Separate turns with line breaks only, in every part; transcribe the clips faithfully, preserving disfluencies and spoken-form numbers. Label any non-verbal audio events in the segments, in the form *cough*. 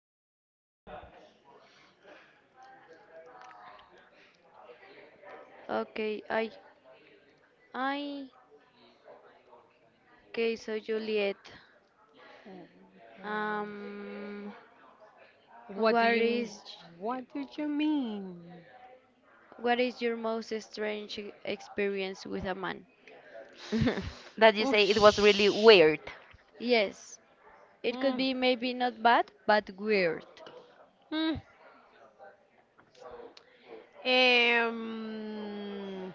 call.
to
Okay. I I okay, so Juliet. Um
What do
what
you
is
m- what do you mean?
what is your most strange e- experience with a man?
*laughs* that you say it was really
Oosh.
weird.
Yes. It could
Mm,
be maybe not bad, but weird.
mm. Um,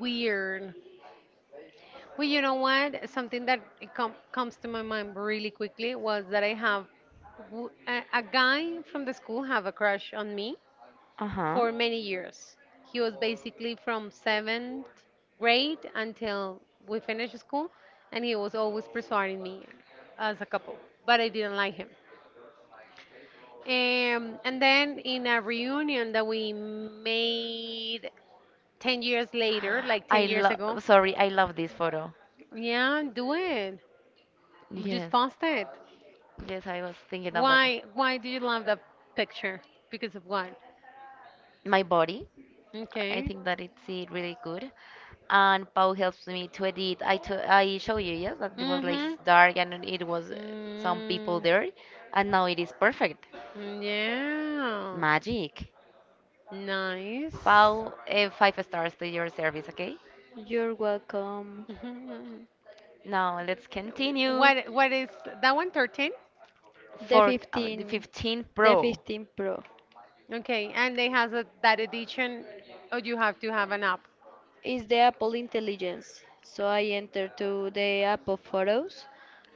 Weird. Well, you know what? Something that it com comes to my mind really quickly was that I have w- a, a guy from the school have a crush on me,
Uh-huh.
for many years. He was basically from seventh grade until we finished school, and he was always persuading me as a couple, but I didn't like him. Um, and then in a reunion that we made ten years later, like
I
ten years
love
ago,
Sorry, I love this photo.
yeah, do it. Just
Yes.
post it.
Yes, I was thinking about it.
Why, why do you love that picture? Because of what?
My body. I, Okay.
Okay.
think that it's uh, really good. And Pau helps me to edit. I to I show
Show
you,
you.
yes, that it was like,
Mm-hmm.
Mm-hmm, s- dark, and it was uh, some people
Mm,
there, and now it is perfect.
it's yeah.
Magic.
Nice.
Pau, uh, five stars to your service, okay?
You're welcome.
*laughs* Mhm.
Now let's continue.
What what is that one? thirteen?
The
Fourth, uh, the
fifteen
fifteen
the
Pro.
fifteen Pro
Okay, and they has a, that edition. Oh, you have to have an app.
is the Apple intelligence. So I enter to the Apple photos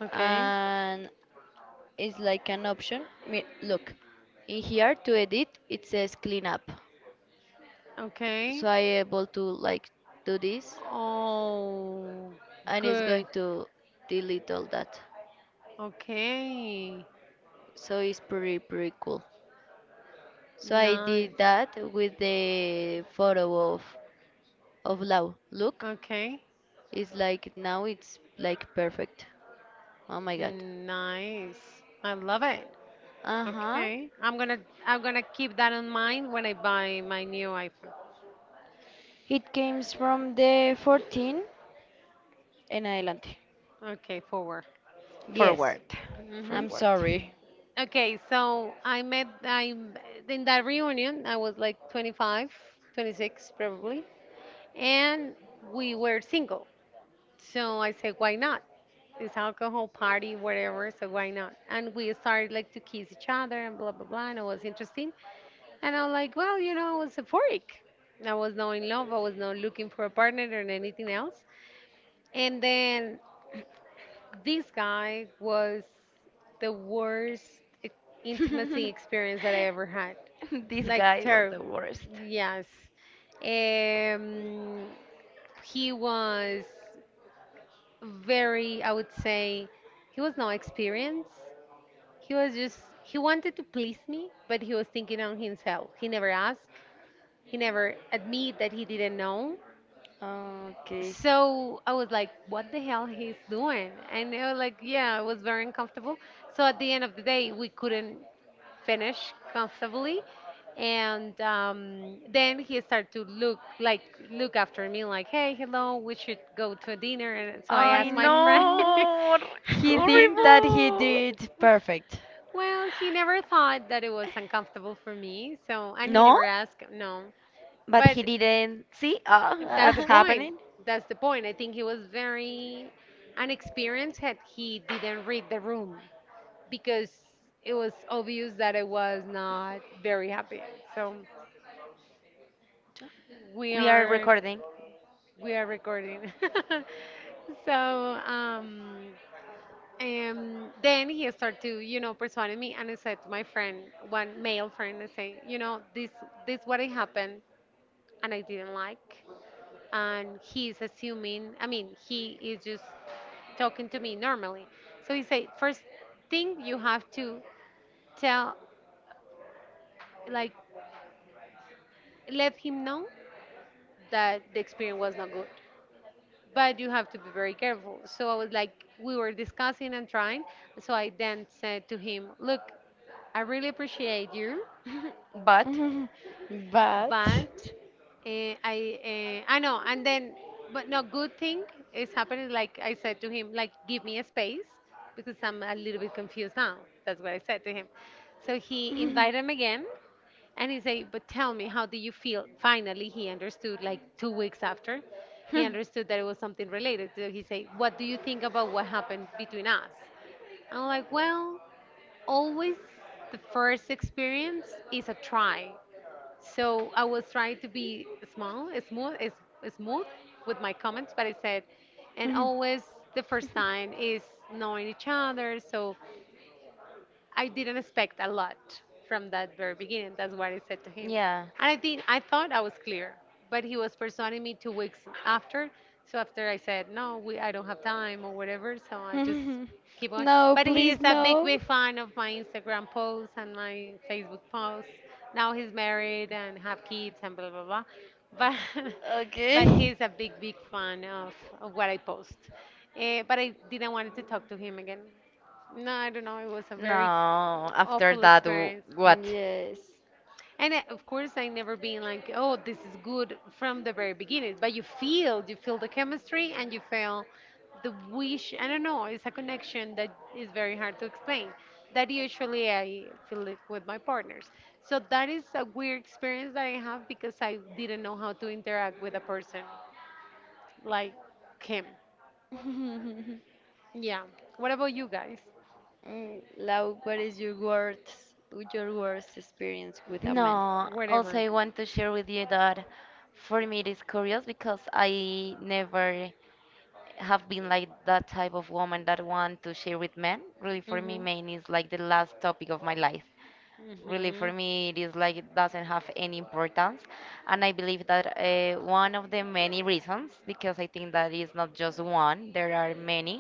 Okay.
and is like an option. Me- Look, in here to edit, it says clean up. So
Okay.
I able to like do this,
Oh,
and it's
good.
going to delete all that.
Okay.
So it's pretty pretty cool. So I
Nice.
did that with the photo of of Lau. Look,
Okay.
it's like now it's like perfect. Oh my god.
Nice. I love it.
Uh-huh.
Okay. I'm gonna I'm gonna keep that in mind when I buy my new iPhone.
It came from the fourteen. En adelante.
Okay, forward.
Yes,
Forward.
Mm-hmm.
I'm
Forward.
sorry.
Okay, so I met I in that reunion I was like twenty-five, twenty-six probably, and we were single. So I said, why not? It's alcohol party, whatever. So why not? And we started like to kiss each other and blah blah blah, and it was interesting. And I'm like, well, you know, I was euphoric. I was not in love. I was not looking for a partner or anything else. And then this guy was the worst e- intimacy experience that
*laughs*
I ever had.
This
Like
guy was
terrible.
the worst.
Yes. Um, he was very, I would say, he was no experienced. He was just, he wanted to please me, but he was thinking on himself. He never asked. He never admit that he didn't know.
Okay.
So I was like, what the hell he's doing? And I was like, yeah, it was very uncomfortable. So at the end of the day, we couldn't finish comfortably. And um, then he started to look like look after me like, hey, hello, we should go to a dinner. And so I
I
asked my friend.
Mm,
know.
he
*laughs*
think that he
Horrible.
did perfect.
Well, he never thought that it was uncomfortable for me, so and he
No,
never asked, no.
but
But
he didn't see uh,
that's the
what's
point.
happening.
That's the point. I think he was very unexperienced had he didn't read the room because it was obvious that I was not very happy. So we
We are
are
recording.
we are recording. *laughs* so um and then he started to, you know, persuading me, and I said to my friend, one male friend, I say, you know, this this what it happened, and I didn't like, and he's assuming, I mean, he is just talking to me normally. So he said, first thing you have to tell, like, let him know that the experience was not good, but you have to be very careful. So I was like, we were discussing and trying. So I then
*laughs*
said to him, look, I really appreciate you,
*laughs* But...
*laughs* But
but uh, I uh, I know. And then, but no, good thing is happening. Like I said to him, like give me a space because I'm a little bit confused now. That's what I said to him. So he invited him again, and he say, but tell me, how do you feel? Finally, he understood like two weeks after. He understood that it was something related. So he say, what do you think about what happened between us? I'm like, well, always the first experience is a try. So I was trying to be small, smooth, is- smooth with my comments, but I said, and
Mhm.
always the first time is knowing each other. So I didn't expect a lot from that very beginning. That's what I said to him.
Yeah,
And I think I thought I was clear, but he was pursuing me two weeks after. So after I said no, we I don't have time or whatever. So I just
Mhm.
keep on.
No,
But he is
please,
a big
no.
big fan of my Instagram posts and my Facebook posts. Now he's married and have kids and blah blah blah. But *laughs* but
Okay.
he's a big big fan of, of what I post. Eh, but I didn't want to talk to him again, no, I don't know. It was a very
no, after
awful
that, w-
experience.
what?
Yes.
And I, of course, I never been like, oh, this is good from the very beginning. But you feel, you feel the chemistry and you feel the wish. I don't know. It's a connection that is very hard to explain. That usually I feel it with my partners. So that is a weird experience that I have because I didn't know how to interact with a person like him.
*laughs*
Yeah. What about you guys?
Mm, Lau, what is your worst, your worst experience with a man?
No, also
Whatever.
I want to share with you that for me it is curious because I never have been like that type of woman that want to share with men. Really, for me, men is like the last topic of my life. Really, for
Mhm. For.
me, it is like it doesn't have any importance. And I believe that uh, one of the many reasons, because I think that is not just one, there are many,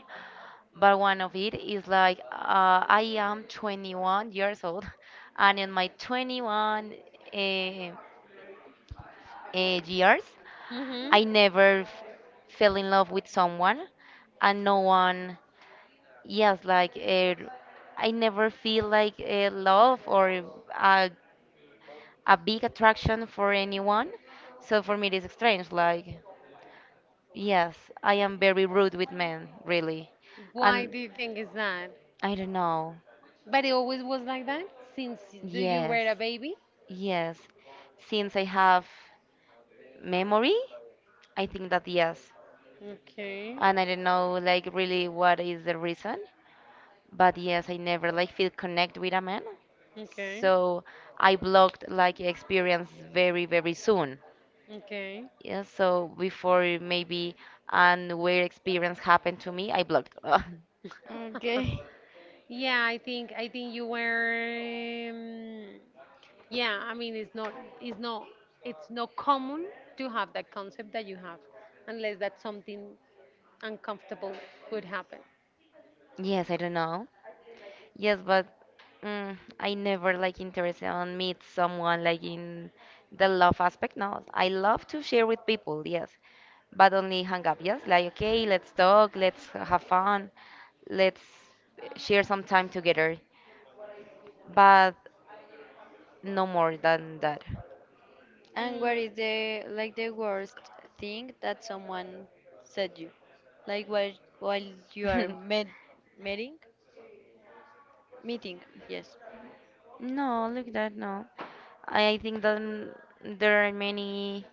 but one of it is like, uh, I am twenty-one years old. *laughs* And in my twenty-one uh, uh, years,
Mhm.
I never f- fell in love with someone and no one. Yes, like, uh, I never feel like uh, love or uh, a big attraction for anyone. So for me, it is strange. Like, yes, I am very rude with men, really.
it. Why
And
do you think is that?
I don't know.
But it always was like that since y- the- you
Yes,
were a baby.
yes. Since I have memory, I think that yes.
Okay. And
And I don't know, like, really what is the reason. But yes, I never like feel connect with a man.
okay.
So I blocked like experience very, very soon.
Okay.
Yeah, so before maybe an weird experience happened to me, I blocked.
*laughs*
Okay.
Yeah, I think I think you were um, yeah, I mean, it's not it's not it's not common to have that concept that you have unless that something uncomfortable would happen.
*laughs* Yes, I don't know. Yes, but mm, I never like interested on meet someone like in the love aspect. No, I love to share with people. Yes, but only hang up. Yes, like, okay, let's talk, let's have fun, let's share some time together. But no more than that.
And what
Mm,
is the like the worst thing that someone said you? Like while while you are med
*laughs*
meeting? Meeting, yes.
No, look that, no. I think that mm, there are many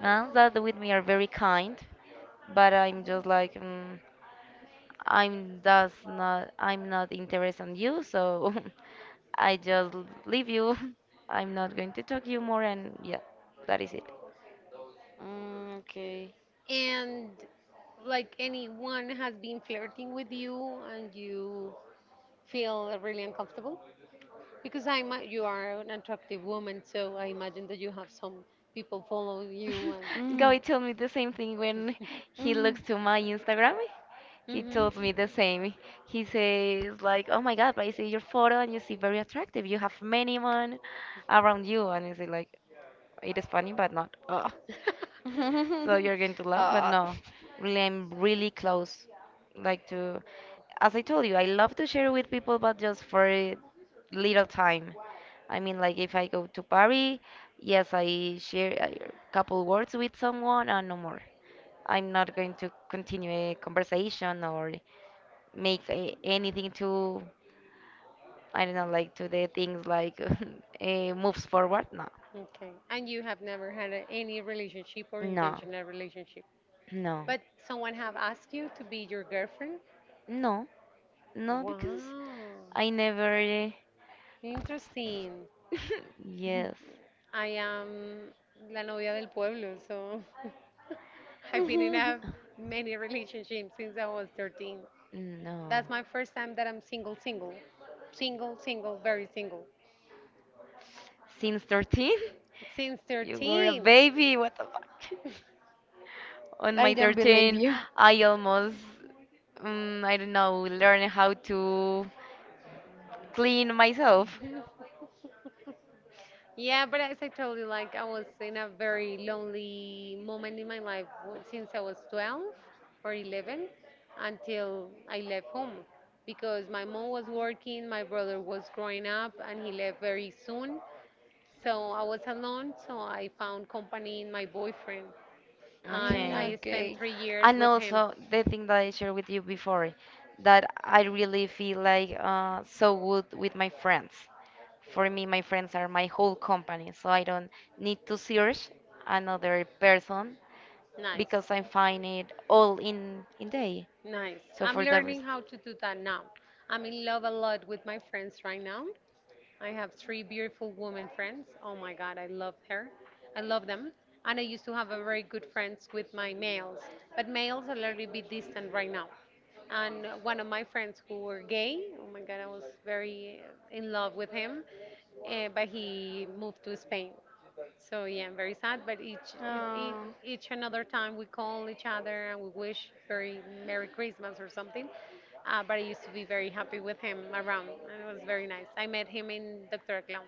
men that with me are very kind, but I'm just like, mm, I'm does not, I'm not interested in you, so *laughs* I just leave you. *laughs* I'm not going to talk you more, and yeah, that is it.
Mm, okay.
and like anyone has been flirting with you and you feel really uncomfortable because I ima- you are an attractive woman, so I imagine that you have some people follow you
You.
and.
*laughs*
Mm.
Guy told me the same thing when he
Mm.
looks to my Instagram. He
Mhm.
told me the same. He says like, "Oh my God, but I see your photo and you seem very attractive. You have many men around you." And I say like, "It is funny, but not." Ugh.
*laughs*
So
*laughs*
you're going to love, but
Ah.
no, really, I'm really close. Like to, as I told you, I love to share with people, but just for a little time. I mean, like if I go to Paris, yes, I share a couple words with someone and no more. I'm not going to continue a conversation or make a, anything to, I don't know, like to the things like *laughs* uh, moves forward. No,
Okay. And you have never had a, any relationship or intentional relationship.
no, no,
But someone have asked you to be your girlfriend?
no. No, because I
Wow.
never.
Interesting.
*laughs*
*laughs*
Yes.
I am la novia del pueblo, so *laughs* I've been in a many relationships since I was thirteen.
No.
That's my first time that I'm single, single. Single, single, very single.
Since thirteen?
Since
You were a
thirteen.
baby. What the fuck? On my
I don't believe
thirteen,
you.
I almost, um, I don't know, learned how to clean myself.
Yeah, but as I told you, like I was in a very lonely moment in my life w- since I was twelve or eleven until I left home because my mom was working, my brother was growing up, and he left very soon. So I was alone, so I found company in my boyfriend, and
Mm,
I
Okay.
spent
okay.
three years
And
with him.
also the thing that I shared with you before, that I really feel like uh, so good with my friends. For me, my friends are my whole company, so I don't need to search another person
Nice.
because I find it all in in day.
Nice.
So
I'm
for that
learning
reason,
how to do that now. I'm in love a lot with my friends right now. I have three
I
beautiful women friends.
have
Oh
very
my God, I love her. I love them. And I used to have a very good
good friends
friends
with
with
my
my
males,
males, but
but males
males are a
are a
little
little
bit distant
distant
right
right now.
now. And
One
one of
of my
my friends who were gay, oh my God, I was very in love with him, eh, but he moved to Spain. So
Spanish.
yeah, I'm very sad. But each each,
Oh.
each another time we call each other and we wish very Merry Christmas or something. Uh, but I used to be very happy with him around, and it was very nice. I met him in doctor Clown.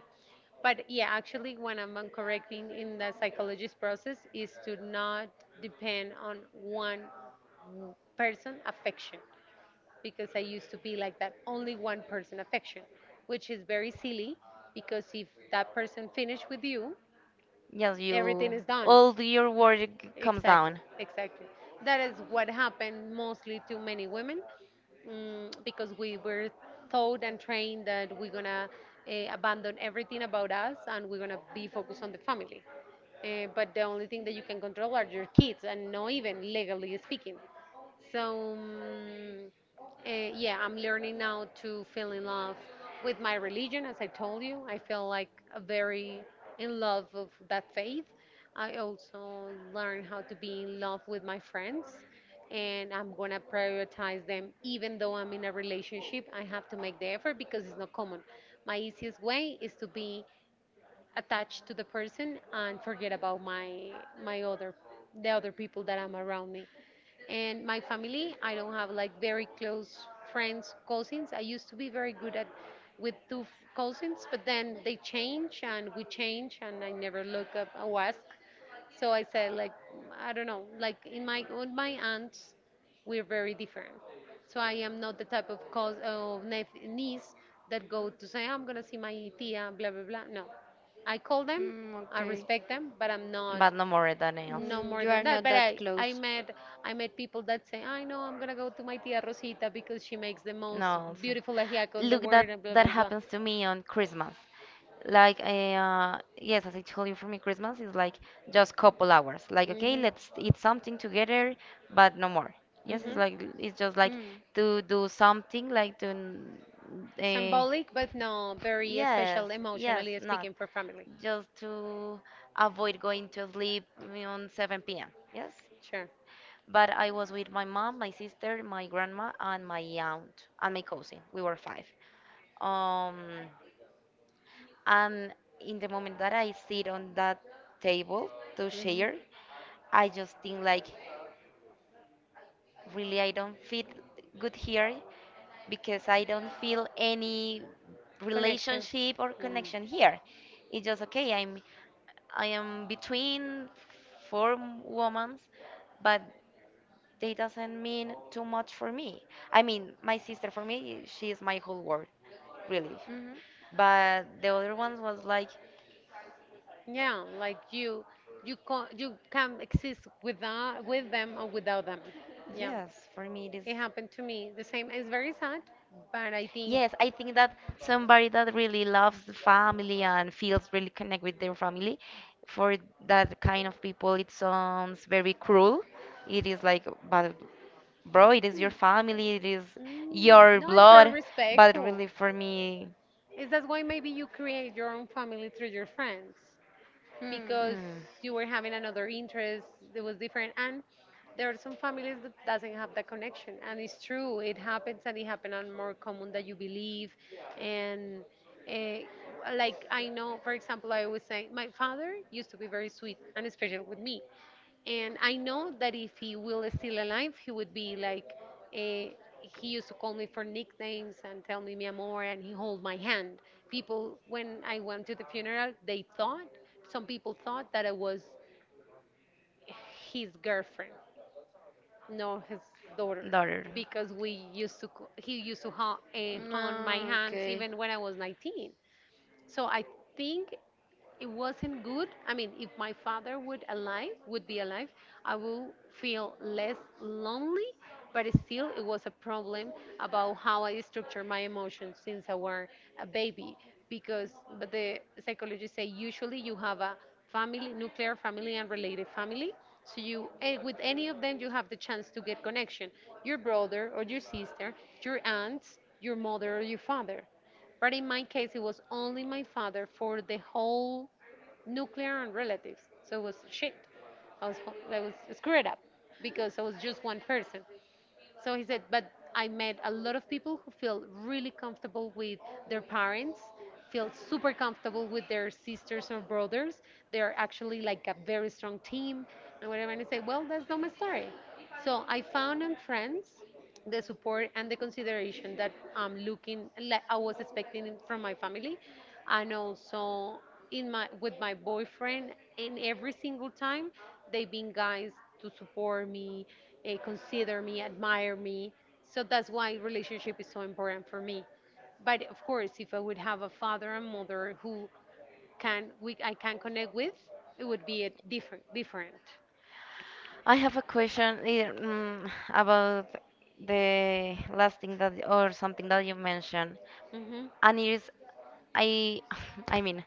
But yeah, actually, when I'm on correcting in the psychologist process is to not depend on one person affection because I used to be like that, only one person affection, which is very silly because if that person finish with you,
yes,
everything
you,
is done.
all your work comes
Exactly,
down.
exactly, that is what happened mostly to many women, mm, because we were taught and trained that we're gonna uh, abandon everything about us, and we're gonna be focused on the family. Uh, but the only thing that you can control are your kids, and not even legally speaking. So, mm, eh, yeah, I'm learning now to feel in love with my religion, as I told you. I feel like a very in love of that faith. I also learn how to be in love with my friends, and I'm gonna prioritize them even though I'm in a relationship. I have to make the effort because it's not common. My easiest way is to be
Attached
attached to
to
the
the person,
person and forget
and about
about
my
my
my
my other the
the
other
other
people
people that
that
are
I'm
around,
around me.
and
And
my
my
family.
family,
I
I
don't
don't have
have like
like
very
very
close
close
friends,
friends, cousins.
cousins.
I
I
used
used
to
to be
be
very
very
good
good at
with the
with two f-
cousins,
cousins,
but
but
then
then they
they and
change and we
we change.
change, and I never look up or ask. So I said like I don't know, like in my with my aunts, we're very different. So I am not the type of cause of nep- niece that go to say I'm gonna see my tia, blah blah blah. No, I call them,
Mm,
I
okay.
respect them, but I'm not
But no more than else.
no
Mm,
more
you are
than that.
not
But
that
I I
close.
met I met people that say I know I'm gonna go to my tia Rosita because she makes the most
No, it's-
beautiful ajiaco in the
look, that
world and blah
that
blah blah.
happens to me on Christmas. Like, eh, uh, yes, as I told you, for me, Christmas is like just couple hours. Like, okay,
Hmm.
let's eat something together, but no more. Yes, it's
Hmm.
like it's just like to do something, like to. Uh,
Symbolic but no very
Yes,
special
yes,
emotionally
not
speaking for family.
just to avoid going to sleep on seven p m. Yes,
Sure.
but I was with my mom, my sister, my grandma, and my aunt and my cousin. We were five. Um, and in the moment that I sit on that table to
Hmm.
share, I just think like, really, I don't fit good here because I don't feel any
Connection.
relationship or
Mm.
connection here. It's just okay. I'm I am between four women, but They doesn't mean too much for me. I mean, my sister for me, she is my whole world, really.
Mm. Mhm.
But the other ones was like,
Yeah, like you, you can you can exist without with them or without them. Yeah,
yes, for me it is.
it happened to me. The same. It's very sad, but I think.
Yes, I think that somebody that really loves the family and feels really connect with their family, for that kind of people, it sounds very cruel. It is like, but bro, it is your family, it is
Mm,
your
no, it's very
blood. But
respectful.
really, for me.
Is that why maybe you create your own family through your friends?
Hmm.
Because
Mm.
you were having another interest, it was different, and there are some families that doesn't have that connection, and it's true, it happens, and it happens and more common than you believe. And uh, like, I know, for example, I always say my father used to be very sweet and especially with me, and I know that if he will still alive, he would be like, uh, he used to call me for nicknames and tell me mi amor, and he hold my hand. People, when I went to the funeral, they thought, some people thought that I was his girlfriend, no, his daughter,
Daughter. Yeah.
because we used to, co- he used to ha- uh, hold my
No,
hands
okay.
even when I was nineteen. So I think it wasn't good. I mean, if my father would alive would be alive, I will feel less lonely. But it still, it was a problem about how I structure my emotions since I were a baby. Because, but the psychologists say usually you have a family, nuclear family, and related family. So you, eh, with any of them, you have the chance to get connection. Your brother or your sister, your aunt, your mother or your father. But in my case, it was only my father for the whole nuclear and relatives. So it was shit. I was ho- I was screwed up because I was just one person. So he said, but I met a lot of people who feel really comfortable with their parents, feel super comfortable with their sisters or brothers. They're actually like a very strong team and whatever. And I say, well, that's not my story. So I found on friends the support and the consideration that I'm looking like I was expecting from my family, and also in my with my boyfriend, and every single time they've been guys to support me, eh, consider me, admire me. So that's why relationship is so important for me. But of course, if I would have a father and mother who can we I can connect with, it would be a different different.
I have a question eh, mm, about the last thing that or something that you mentioned.
Hmm,
And it is, I *laughs* I mean,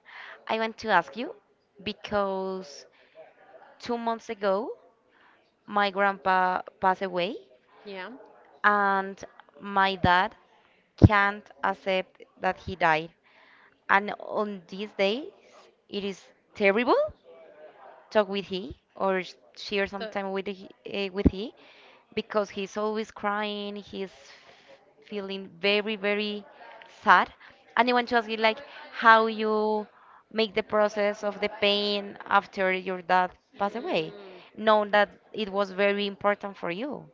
I want to ask you because two months ago my grandpa passed away,
yeah,
and my dad can't accept that he died. And on these days, it is terrible talk with he or sh- share some
so.
time with he, uh, with he because he's always crying. He's feeling very, very sad. And I want to ask you like how you make the process of the pain after your dad passed away,
Mm,
knowing that it was very important for you.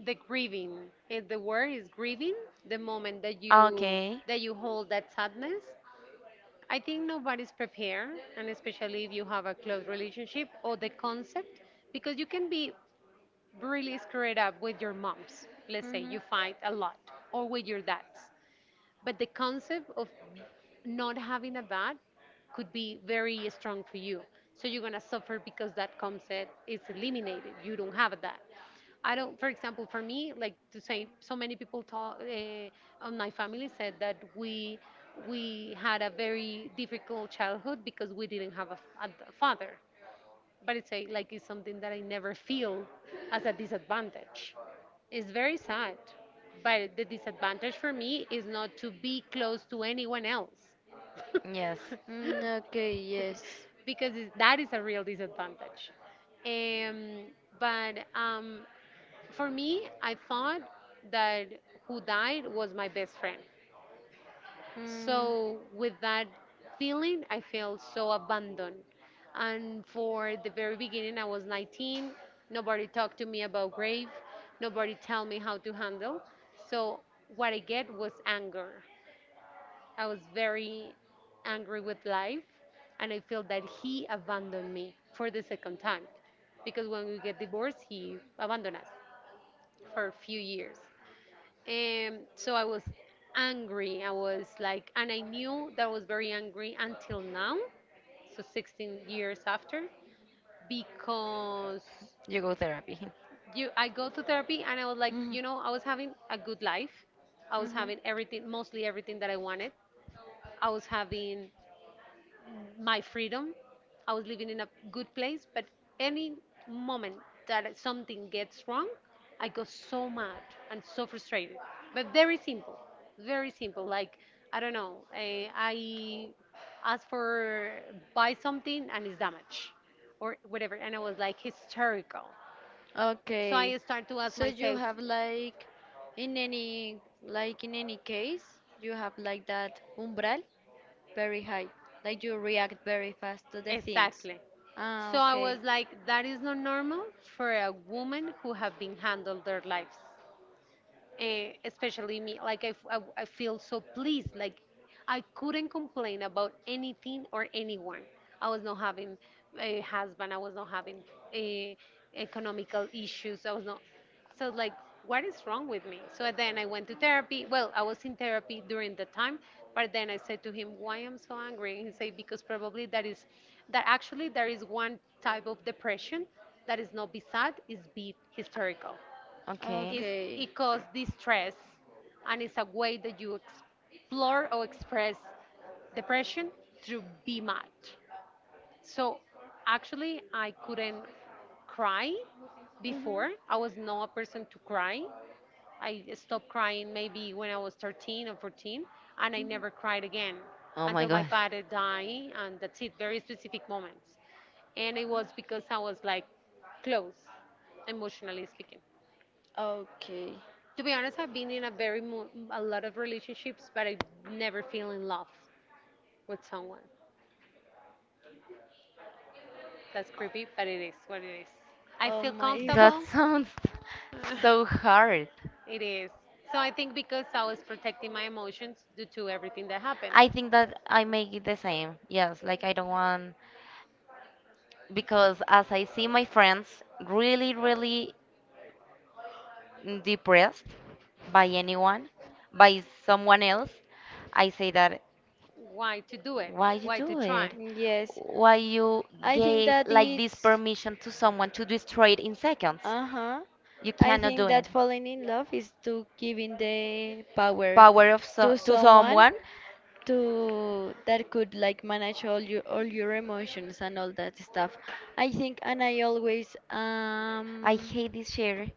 the grieving. Eh, the word is grieving. The moment that you
Okay.
that you hold that sadness. I think nobody's prepared, and especially if you have a close relationship or the concept, because you can be really screwed up with your moms. Let's say you
Mhm.
fight a lot, or with your dads. But the concept of not having a dad could be very strong for you. So you're gonna suffer because that concept is eliminated. You don't have a dad. I don't, for example, for me, like to say, so many people talk uh, on my family said that we we had a very difficult childhood because we didn't have a, f- a d- father, but it's a, like, it's something that I never feel as a disadvantage. It's very sad, but the disadvantage for me is not to be close to anyone else.
Yes,
Mm, okay, yes.
*laughs* Because it- that is a real disadvantage. Um, but um, for me, I thought that who died was my best friend.
Mm.
So with that feeling, I felt so abandoned. And for the very beginning, I was nineteen. Nobody talked to me about grave. Nobody tell me how to handle. So what I get was anger. I was very angry with life, and I feel that he abandoned me for the second time. Because when we get divorced, he abandoned us for a few years. Um, so I was angry. I was like, and I knew that I was very angry until now, so sixteen years after, because
you go therapy. *laughs*
you, I go to therapy, and I was like,
Mhm.
you know, I was having a good life. I was
Mhm.
having everything, mostly everything that I wanted. I was having my freedom. I was living in a good place, but any moment that something gets wrong, I go so mad and so frustrated. But very simple, very simple. Like, I don't know, eh, I asked for buy something and it's damaged or whatever, and I was like hysterical. So I
Okay,
start to ask
so you
myself.
have like in any like in any case you have like that umbral very high, like you react very fast to the things.
Exactly. So
Ah,
I
okay.
was like, that is not normal for a woman who have been handled their lives. eh, especially me. Like I, f- I w- I feel so pleased. Like, I couldn't complain about anything or anyone. I was not having a husband. I was not having eh, economical issues. I was not. So like, what is wrong with me? So then I went to therapy. Well, I was in therapy during the time, but then I said to him, "Why I'm so angry?" And he said, "Because probably that is that actually there is one type of depression that is not be sad, is be hysterical."
Okay.
is
Okay.
it causes distress, and it's a way that you explore or express depression through be mad. So actually I couldn't cry
Mhm. Mhm.
before. I was not a person to cry. I stopped crying maybe when I was thirteen or fourteen, and I never cried again
Oh my
until my
God.
father died, and that's it, very specific moments. And it was because I was like close, emotionally speaking.
Okay.
To be honest, I've been in a very mo- a lot of relationships, but I never feel in love with someone. That's creepy, but it is what it is. I
Oh
feel
my *laughs* God.
That
comfortable.
sounds *laughs* so hard.
*laughs* It is. So I think because I was protecting my emotions due to everything that happened.
I think that I make it the same. Yes, like I don't want because as I see my friends really, really depressed by anyone, by someone else, I say that,
Why to do it?
why you
Why to
do it?
try?
Yes.
Why you
I think
gave
that
like this
it's.
permission to someone to destroy it in seconds?
Uh-huh.
You
I
cannot do
think that
it.
falling in love is to giving the power
Power of so
to
to
someone
someone.
to that could like manage all your all your emotions and all that stuff. I think and I always
I
um
hate this chair.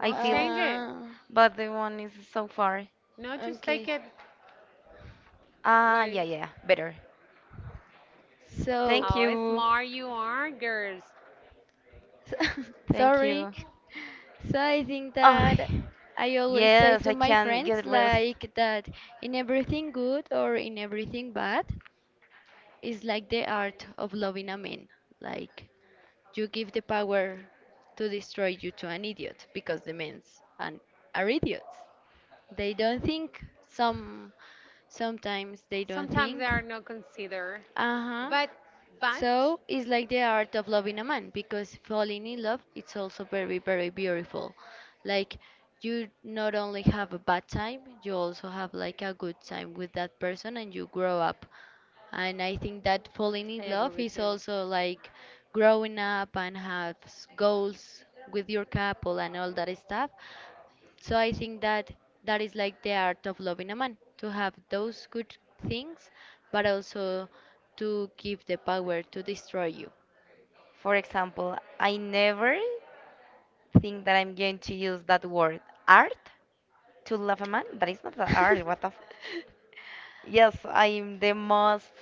I feel,
change it.
uh
but the one is so far.
No, just take
okay.
it.
Ah,
Where,
yeah, yeah, yeah. Better.
So
Thank
how
you.
smart you are, girls.
*laughs*
Thank
sorry.
you.
So I think that
Ay,
I always say
yes,
to
I
my
can
friends
get rest.
like that in everything good or in everything bad, it's like the art of loving a man. Like you give the power to destroy you to an idiot because the men an, are idiots. They don't think. Some sometimes they don't
Sometimes they
think.
are not considered,
Uh huh.
but but
So it's like the art of loving a man because falling in love it's also very very beautiful. Like you not only have a bad time, you also have like a good time with that person and you grow up, and I think that falling
I
in
agree
love
with
is
you.
also like growing up and have s- goals with your couple and all that stuff. So I think that that is like the art of loving a man to have those good things, but also to give the power to destroy you.
For example, I never think that I'm going to use that word art to love a man. That is not the art. What the...
*laughs*
Yes, I'm the most.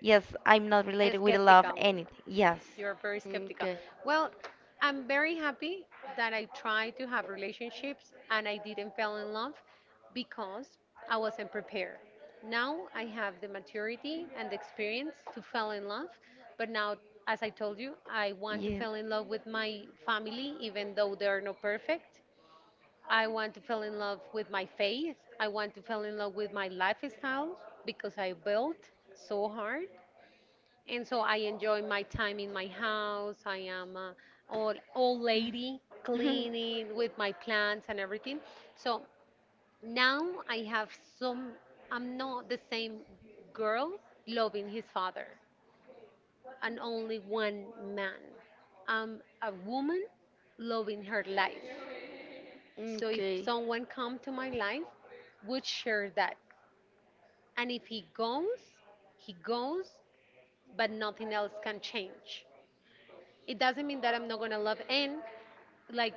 Yes, I'm not related with a love
Skeptical.
anything. Yes.
You're very skeptical.
okay.
Well, I'm very happy that I tried to have relationships and I didn't fall in love because I wasn't prepared. Now I have the maturity and the experience to fall in love, but now, as I told you, I want to
Yeah.
fall in love with my family even though they are not perfect. I want to fall in love with my faith. I want to fall in love with my lifestyle because I built so hard. And so I enjoy my time in my house. I am a old, old lady cleaning with my plants and everything. So now I have some, I'm not the same girl loving his father and only one man. I'm a woman loving her life. So if
Okay.
someone come to my life, would share that. And if he goes, he goes, but nothing else can change. It doesn't mean that I'm not gonna love. And like,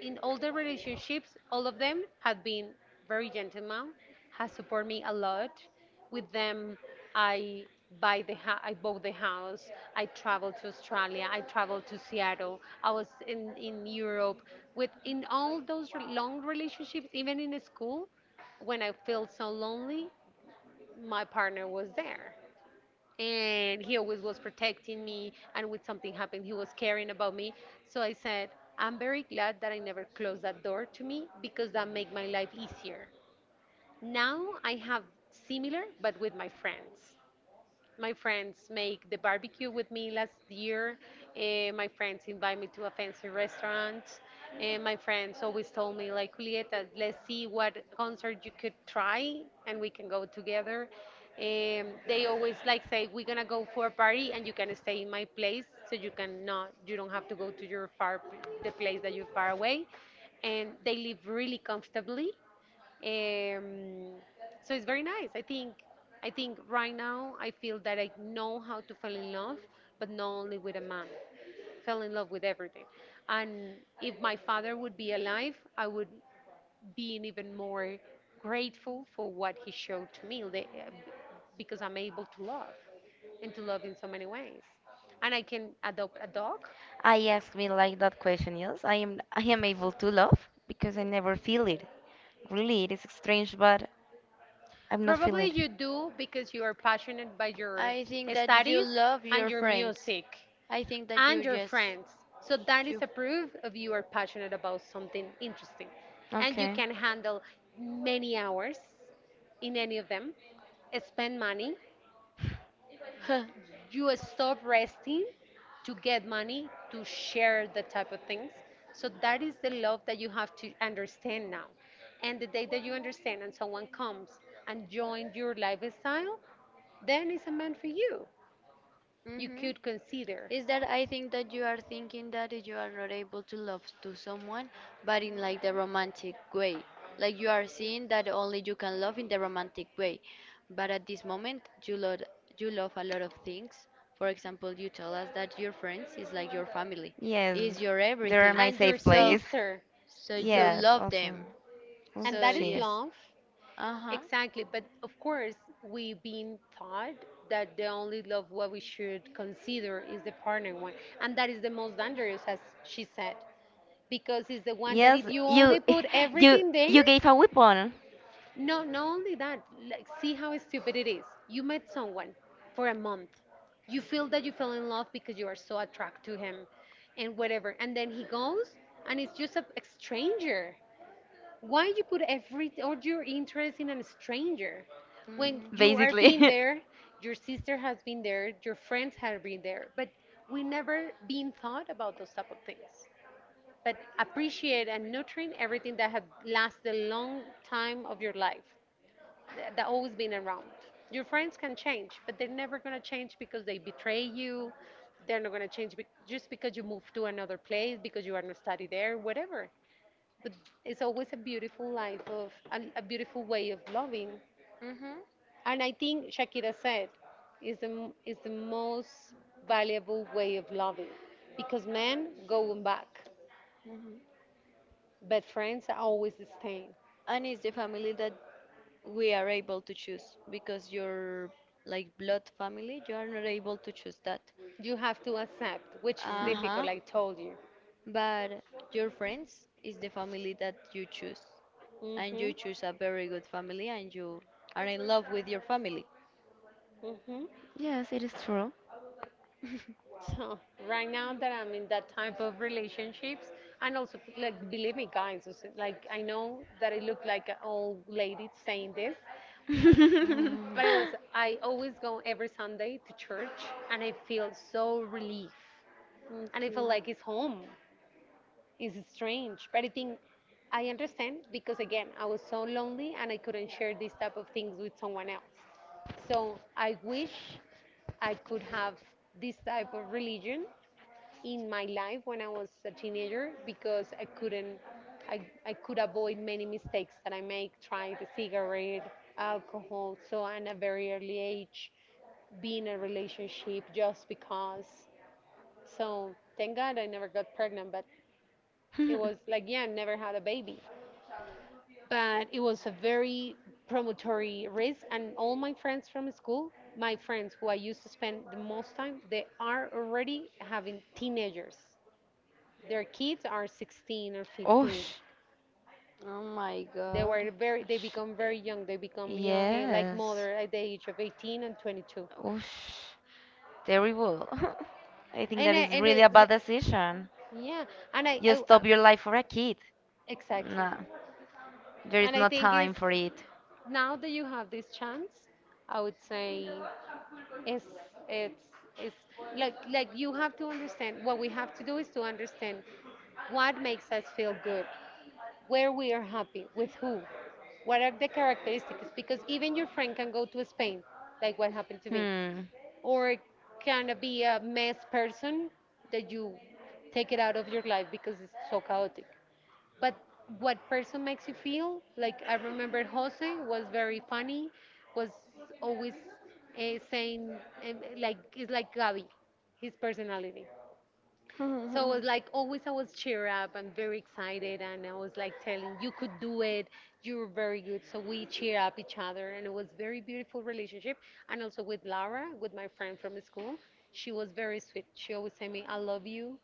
in all the relationships, all of them have been very gentleman, has supported me a lot. With them, I buy the ha- I bought the house. I traveled to Australia. I traveled to Seattle. I was in in Europe. With in all those re- long relationships, even in school, when I felt so lonely, my partner was there, and he always was protecting me, and when something happened, he was caring about me. So I said, I'm very glad that I never closed that door to me because that made my life easier. Now I have similar but with my friends. My friends make the barbecue with me last year. Eh, my friends invite me to a fancy restaurant. And my friends always told me, like, Julieta, let's see what concert you could try and we can go together. Um, they always like say, we're gonna go for a party and you can stay in my place so you can not, you don't have to go to your far, the place that you're far away. And they live really comfortably, um, so it's very nice. I think I think right now I feel that I know how to fall in love, but not only with a man. Fell in love with everything. And if my father would be alive, I would be even more grateful for what he showed to me the- because I'm able to love and to love in so many ways. And I can adopt a dog.
I ask me like that question. Yes, I am. I am able to love because I never feel it. Really, it is strange, but I'm not
Probably
feeling it.
you do because you are passionate by your
I think that you
studies
love
and
your
your
friends.
music.
I think that
And
you
your
just
friends. So that
you
is a proof of you are passionate about something interesting. And you
Okay.
can handle many hours in any of them, spend money.
Huh.
You stop resting to get money to share the type of things. So that is the love that you have to understand now. And the day that you understand and someone comes and joins your lifestyle, then it's a man for you. You
Mm-hmm.
could consider.
Is that I think that you are thinking that you are not able to love to someone, but in like the romantic way. Like you are seeing that only you can love in the romantic way. But at this moment, you love you love a lot of things. For example, you tell us that your friends is like your family,
Yes,
is your
they're
everything.
my
And your
safe
So,
place.
sister.
so you
So,
Yes,
love them.
also,
and
also
So
that is
she.
yes.
love,
Uh-huh.
exactly. But of course, we've been taught that the only love what we should consider is the partner one, and that is the most dangerous, as she said, because it's the one that
Yes,
if you
you,
only put
*laughs* you,
everything there,
you gave a weapon,
no, not only that, like, see how stupid it is. You met someone for a month. You feel that you fell in love because you are so attracted to him and whatever. And then he goes and it's just a, a stranger. Why you put every all your interest in a stranger when you are
basically.
being there, your sister has been there, your friends have been there, but we never been thought about those type of things.
*laughs*
But appreciate and nurturing everything that had lasted a long time of your life th- that always been around. Your friends can change, but they're never gonna change because they betray you. They're not gonna change be- just because you move to another place, because you are not study there, whatever. But it's always a beautiful life of and a beautiful way of loving.
Mhm.
And I think Shakira said, is the m- is the most valuable way of loving, because men going back,
Mhm. Mhm.
but friends are always staying.
And it's the family that we are able to choose because your like blood family, you are not able to choose that.
You have to accept, which is
Uh
Mm.
huh.
difficult, I told you.
But your friends is the family that you choose, and you
Mhm.
choose a very good family, and you are in love with your family.
Mhm.
Yes, it is true.
So right now that I'm in that type of relationships, and also like believe me, guys, it's like I know that I look like an old lady saying this,
*laughs*
Mm.
but it was I always go every Sunday to church, and I feel so relief, and I
Okay.
feel like it's home. It's strange, but I think I understand because again, I was so lonely and I couldn't share these type of things with someone else. So I wish I could have this type of religion in my life when I was a teenager because I couldn't, I, I could avoid many mistakes that I make, trying the cigarette, alcohol, so at a very early age, be in a relationship just because. So thank God I never got pregnant, but it was like, yeah, I never had a baby. But it was a very promotory risk, and all my friends from school, my friends who I used to spend the most time, they are already having teenagers, their kids are sixteen or fifteen.
Osh.
Oh my
They
god.
were
*laughs*
very they
Sh-
become very young, they become young, eh, like
Yes.
mother at the age of eighteen and twenty-two.
Osh. Terrible. *laughs* I think
And
that
I,
is
and
really
it,
a bad decision.
yeah and I,
You
I, I
stop your life for a kid.
exactly.
Nah, there is
And I
no
think is
time for it.
now that you have this chance I would say it's it's it's like like you have to understand what we have to do is to understand what makes us feel good, where we are happy, with who, what are the characteristics, because even your friend can go to Spain, like what happened to me,
Hmm.
or can be a mess person that you take it out of your life because it's so chaotic. But what person makes you feel like I remember Jose was very funny, was always uh, saying um, like it's like Gabi, his personality. So I was like, always I was cheer up and very excited, and I was like telling, you could do it, you're very good. So we cheer up each other, and it was very beautiful relationship. And also with Laura, with my friend from school, she she was very sweet. She always said me, "I love you.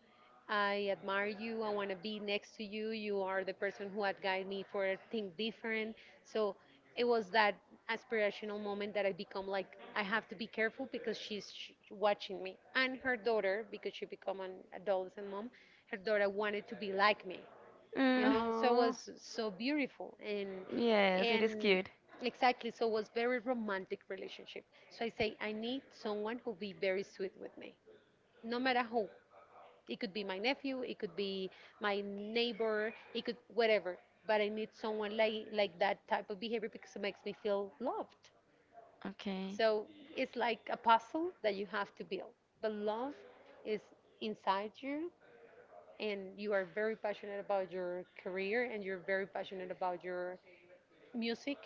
I admire you. I want to be next to you. You are the person who had guided me for think different." So it was that aspirational moment that I become like I have to be careful because she's sh- watching me and her daughter because she become an adolescent mom. Her daughter wanted to be like me, you
Mm,
know. So it
Oh.
was so beautiful and
yes, it is
and
cute.
exactly. So it was very romantic relationship. So I say I need someone who be very sweet with me, no matter who. It could be my nephew, it could be my neighbor, it could whatever. But I need someone like like that type of behavior because it makes me feel loved.
Okay.
So it's like a puzzle that you have to build. But love is inside you and you are very passionate about your career and you're very passionate about your music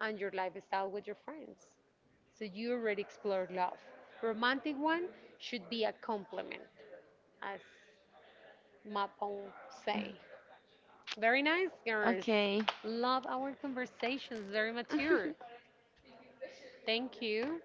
and your lifestyle with your friends. So you already explored love. Romantic one should be a compliment, as Mapo say. Very nice, girls.
Okay.
Love our conversations, very mature.
*laughs*
Thank you.